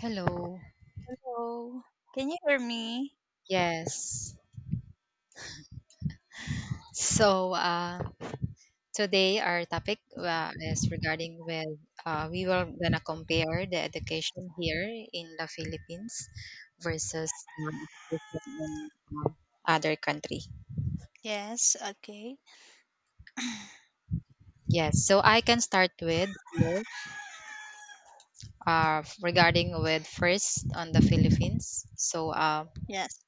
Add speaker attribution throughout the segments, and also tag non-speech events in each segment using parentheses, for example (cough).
Speaker 1: Hello.
Speaker 2: Hello. Can you hear me?
Speaker 1: Yes. So, today our topic, is regarding with we were gonna compare the education here in the Philippines versus other country.
Speaker 2: Yes, okay.
Speaker 1: Yes. So I can start with here, regarding with first on the Philippines. So um,
Speaker 2: Yes.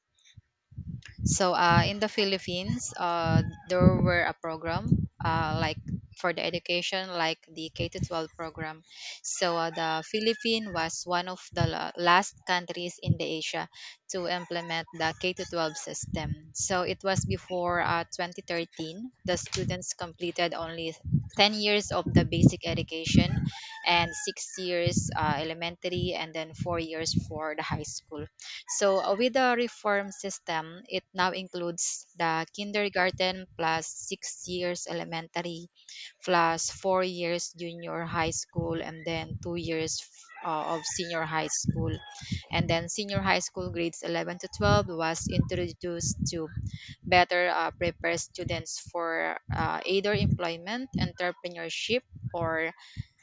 Speaker 1: So uh, in the Philippines, there were a program, like for the education, like the K to 12 program. So, the Philippines was one of the last countries in the Asia to implement the K to 12 system. So it was before 2013, the students completed only 10 years of the basic education and 6 years elementary, and then 4 years for the high school. So, with the reform system, it now includes the kindergarten plus 6 years elementary, plus 4 years junior high school, and then 2 years of senior high school. And then senior high school grades 11 to 12 was introduced to better prepare students for either employment, entrepreneurship, or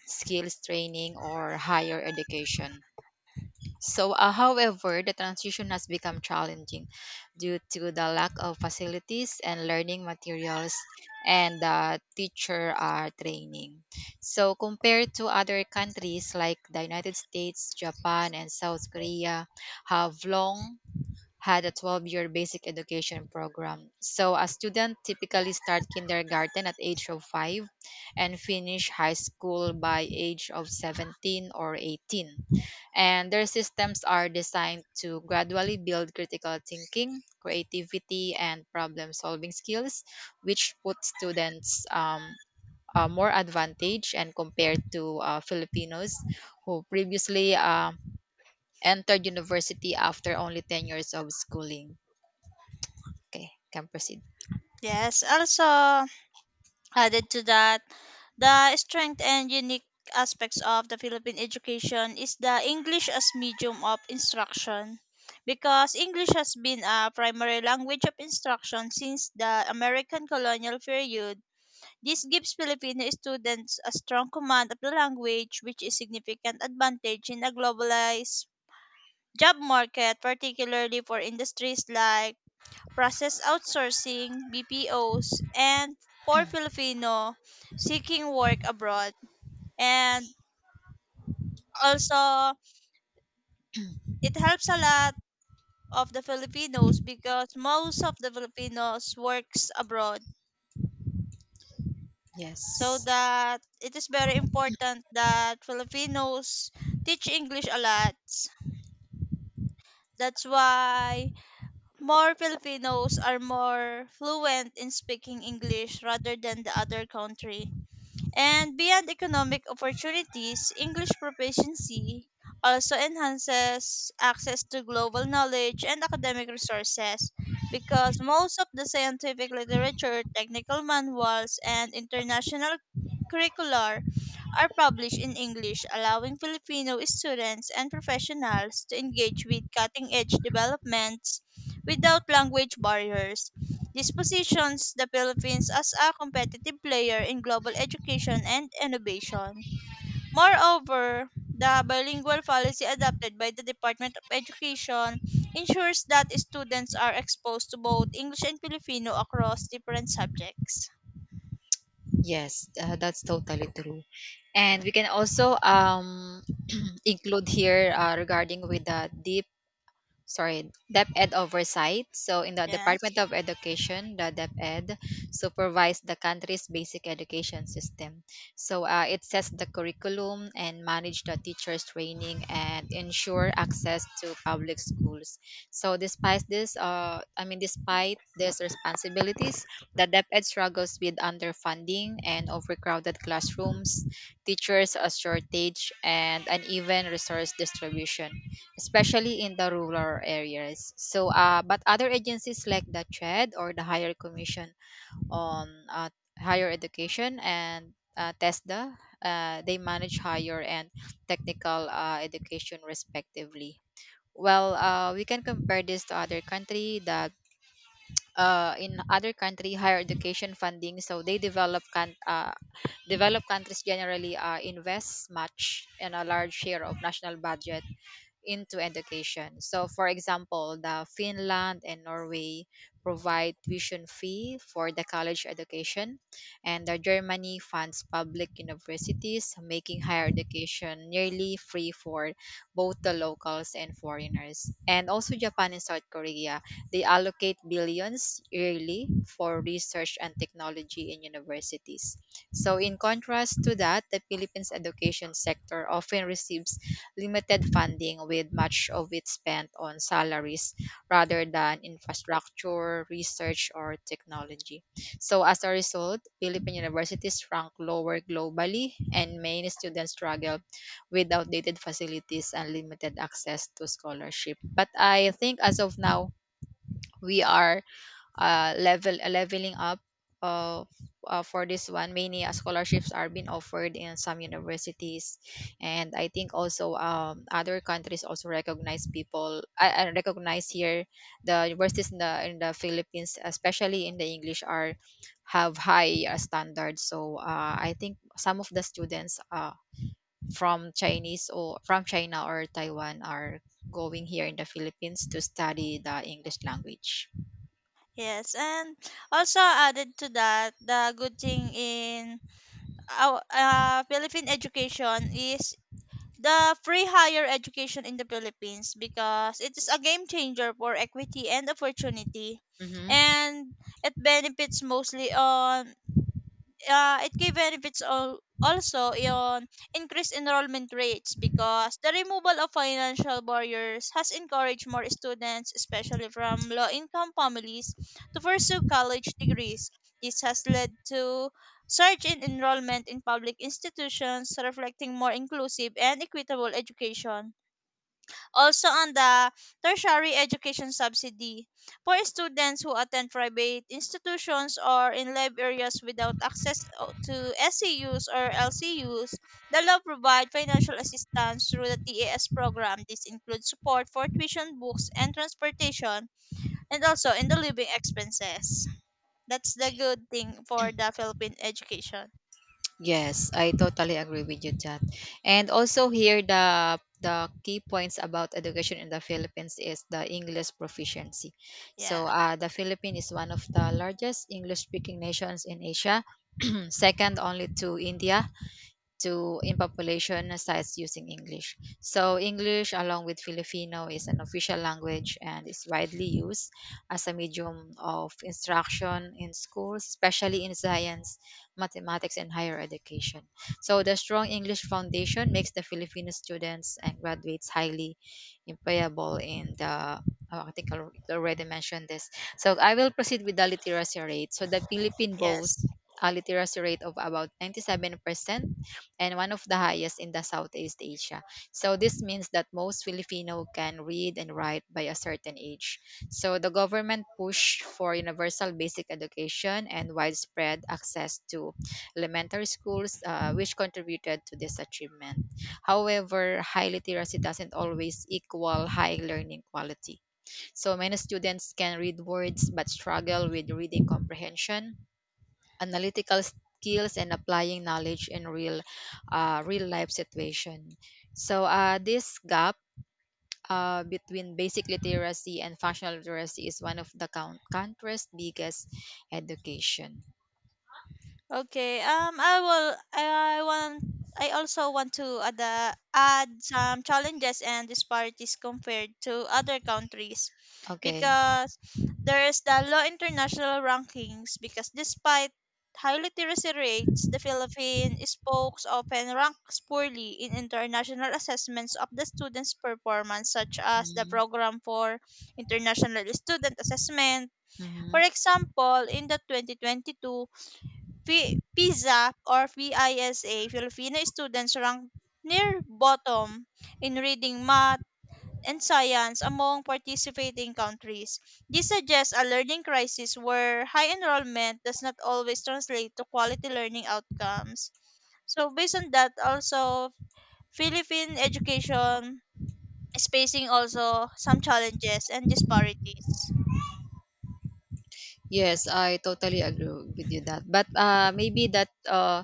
Speaker 1: skills training, or higher education. So, however, the transition has become challenging due to the lack of facilities and learning materials, and teacher training. So, compared to other countries like the United States, Japan, and South Korea, have long had a 12-year basic education program. So, a student typically start kindergarten at age of 5 and finish high school by age of 17 or 18. And their systems are designed to gradually build critical thinking, creativity, and problem solving skills, which put students more advantage and compared to Filipinos who previously entered university after only 10 years of schooling. Okay, can proceed.
Speaker 2: Yes. Also, added to that, the strength and unique aspects of the Philippine education is the English as medium of instruction. Because English has been a primary language of instruction since the American colonial period, this gives Filipino students a strong command of the language, which is significant advantage in a globalized job market, particularly for industries like process outsourcing, BPOs, and for Filipino seeking work abroad. And also, it helps a lot of the Filipinos because most of the Filipinos works abroad. So
Speaker 1: Yes.
Speaker 2: that it is very important that Filipinos teach English a lot. That's why more Filipinos are more fluent in speaking English rather than the other country. And beyond economic opportunities, English proficiency also enhances access to global knowledge and academic resources because most of the scientific literature, technical manuals, and international curricular are published in English, allowing Filipino students and professionals to engage with cutting edge developments without language barriers. This positions the Philippines as a competitive player in global education and innovation. Moreover, the bilingual policy adopted by the Department of Education ensures that students are exposed to both English and Filipino across different subjects.
Speaker 1: Yes, that's totally true. And we can also (clears throat) include here, regarding with the DepEd oversight. So, in the
Speaker 2: Yes.
Speaker 1: Department of Education, the DepEd supervise the country's basic education system. So, it sets the curriculum and manage the teachers' training and ensure access to public schools. So despite this, I mean, despite these responsibilities, the DepEd struggles with underfunding and overcrowded classrooms, teachers a shortage, and uneven resource distribution, especially in the rural areas. So, but other agencies like the TRED, or the Higher Commission on Higher Education, and TESDA, they manage higher and technical education respectively. Well, we can compare this to other country. That, in other country higher education funding. So they developed countries generally invest much and a large share of national budget into education. So, for example, the Finland and Norway provide tuition fee for the college education, and the Germany funds public universities, making higher education nearly free for both the locals and foreigners. And also, Japan and South Korea, they allocate billions yearly for research and technology in universities. So, in contrast to that, the Philippines education sector often receives limited funding, with much of it spent on salaries rather than infrastructure, research, or technology. So, as a result, Philippine universities rank lower globally, and many students struggle with outdated facilities and limited access to scholarship. But I think as of now, we are leveling up, uh, for this one, many scholarships are being offered in some universities. And I think also, other countries also recognize people. I recognize here the universities in the Philippines, especially in the English, are have high standards. So, I think some of the students, from Chinese or from China or Taiwan, are going here in the Philippines to study the English language.
Speaker 2: Yes, and also added to that, the good thing in our Philippine education is the free higher education in the Philippines because it is a game changer for equity and opportunity
Speaker 1: Hmm.
Speaker 2: and it benefits mostly on. It gave benefits all also on increased enrollment rates because the removal of financial barriers has encouraged more students, especially from low income families, to pursue college degrees. This has led to surge in enrollment in public institutions, reflecting more inclusive and equitable education. Also on the tertiary education subsidy for students who attend private institutions or in live areas without access to SCUs or LCUs, the law provides financial assistance through the TAS program. This includes support for tuition, books, and transportation, and also in the living expenses. That's the good thing for the Philippine education.
Speaker 1: Yes, I totally agree with you, Kat. And also here, the key points about education in the Philippines is the English proficiency.
Speaker 2: Yeah.
Speaker 1: So, the Philippines is one of the largest English-speaking nations in Asia, (clears throat) second only to India, to in population sites using English. So English, along with Filipino, is an official language and is widely used as a medium of instruction in schools, especially in science, mathematics, and higher education. So the strong English foundation makes the Filipino students and graduates highly employable in the, oh, I think I already mentioned this. So I will proceed with the literacy rate. So the Philippine
Speaker 2: Yes.
Speaker 1: boasts a literacy rate of about 97% and one of the highest in the Southeast Asia. So this means that most Filipino can read and write by a certain age. So the government pushed for universal basic education and widespread access to elementary schools, which contributed to this achievement. However, high literacy doesn't always equal high learning quality. So many students can read words but struggle with reading comprehension, analytical skills, and applying knowledge in real life situation. So, this gap, between basic literacy and functional literacy, is one of the country's biggest education.
Speaker 2: Okay. I will. I want. I also want to add, add some challenges and disparities compared to other countries,
Speaker 1: Okay.
Speaker 2: because there is the low international rankings. Because despite high literacy rates, the Philippines spokes often ranks poorly in international assessments of the students' performance, such as the
Speaker 1: Mhm.
Speaker 2: Program for International Student Assessment. For
Speaker 1: Mhm.
Speaker 2: example, in the 2022 PISA or PISA, Filipino students ranked near bottom in reading, math, and science among participating countries. This suggests a learning crisis where high enrollment does not always translate to quality learning outcomes. So based on that, also Philippine education is facing also some challenges and disparities.
Speaker 1: Yes, I totally agree with you that, but maybe that uh,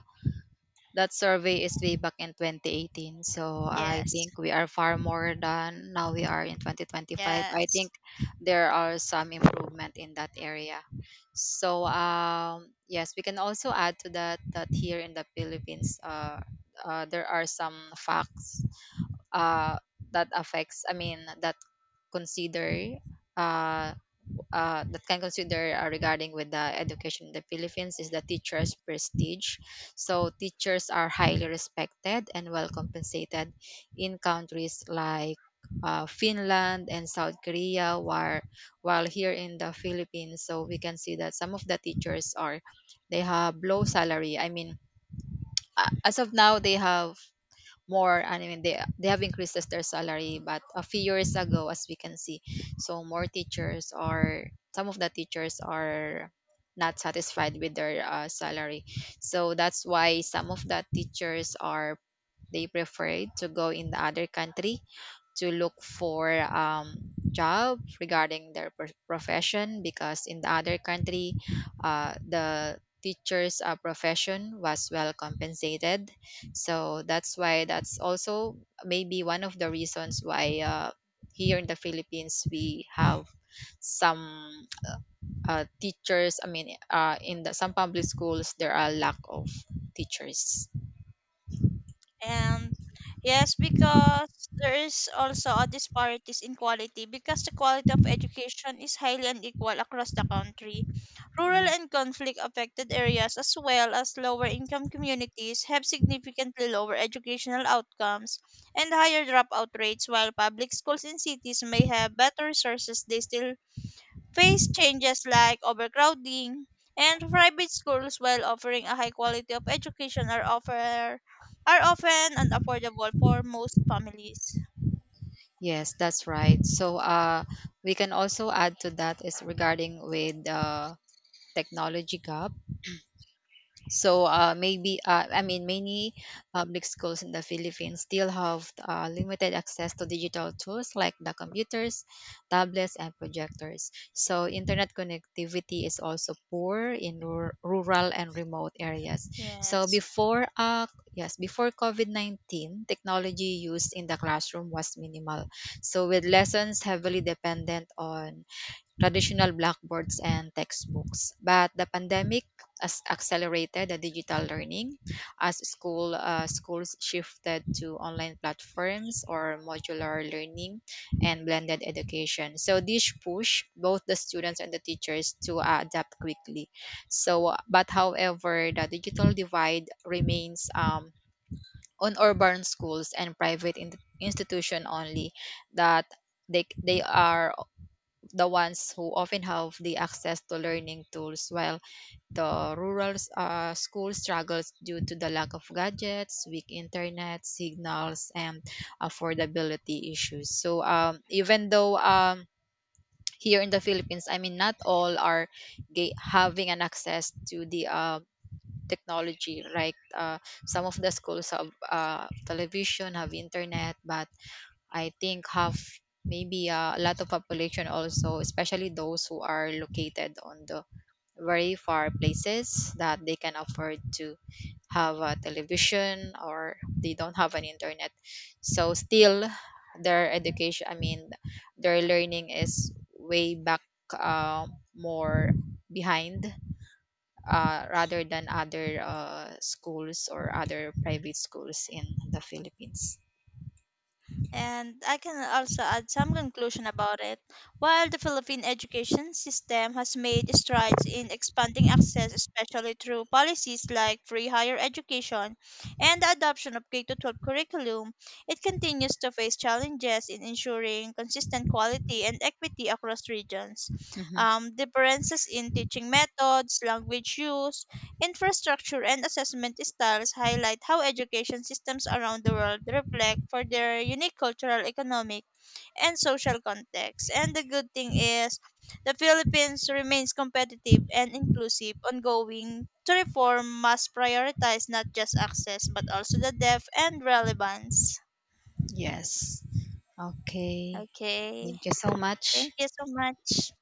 Speaker 1: That survey is way back in 2018. So I
Speaker 2: Yes,
Speaker 1: think we are far more than now we are in 2025. I
Speaker 2: yes.
Speaker 1: think there are some improvement in that area. So, yes, we can also add to that that here in the Philippines, there are some facts, uh, that affects. I mean that consider uh, that can consider, regarding with the education in the Philippines, is the teachers' prestige. So teachers are highly respected and well compensated in countries like Finland and South Korea, while here in the Philippines, so we can see that some of the teachers are they have low salary. I mean, as of now, they have more, I mean, they have increased their salary. But a few years ago, as we can see, so more teachers are, some of the teachers are not satisfied with their salary. So that's why some of the teachers are they prefer to go in the other country to look for, job regarding their profession, because in the other country, the teacher's profession was well compensated. So that's why, that's also maybe one of the reasons why, here in the Philippines we have some, teachers, I mean, in the some public schools there are lack of teachers.
Speaker 2: And yes, because there is also a disparities in quality because the quality of education is highly unequal across the country. Rural and conflict affected areas as well as lower income communities have significantly lower educational outcomes and higher dropout rates while public schools in cities may have better resources they still face changes like overcrowding, and private schools, while offering a high quality of education, are often unaffordable for most families.
Speaker 1: Yes, that's right. So, we can also add to that is regarding with, technology gap. So, maybe, I mean, many public schools in the Philippines still have limited access to digital tools like the computers, tablets, and projectors. So internet connectivity is also poor in rural and remote areas. So
Speaker 2: Yes.
Speaker 1: before, yes, before COVID-19, technology used in the classroom was minimal. So with lessons heavily dependent on traditional blackboards and textbooks. But the pandemic has accelerated the digital learning as schools shifted to online platforms or modular learning and blended education. So this push both the students and the teachers to adapt quickly. So, but however, the digital divide remains, on urban schools and private institution only, that they are the ones who often have the access to learning tools, while the rural school struggles due to the lack of gadgets, weak internet signals, and affordability issues. So, even though, here in the Philippines, I mean, not all are having an access to the technology, right. Some of the schools have television, have internet. But I think half, maybe, a lot of population also, especially those who are located on the very far places, that they can afford to have a television, or they don't have an internet. So still, their education, I mean, their learning is way back, uh, more behind, rather than other schools or other private schools in the Philippines.
Speaker 2: And I can also add some conclusion about it. While the Philippine education system has made strides in expanding access, especially through policies like free higher education and the adoption of K 12 curriculum, it continues to face challenges in ensuring consistent quality and equity across regions.
Speaker 1: Hmm.
Speaker 2: Differences in teaching methods, language use, infrastructure and assessment styles highlight how education systems around the world reflect for their unique cultural, economic, and social context. And the good thing is the Philippines remains competitive and inclusive, ongoing to reform must prioritize not just access but also the depth and relevance.
Speaker 1: Yes. Okay.
Speaker 2: Okay.
Speaker 1: Thank you so much.
Speaker 2: Thank you so much.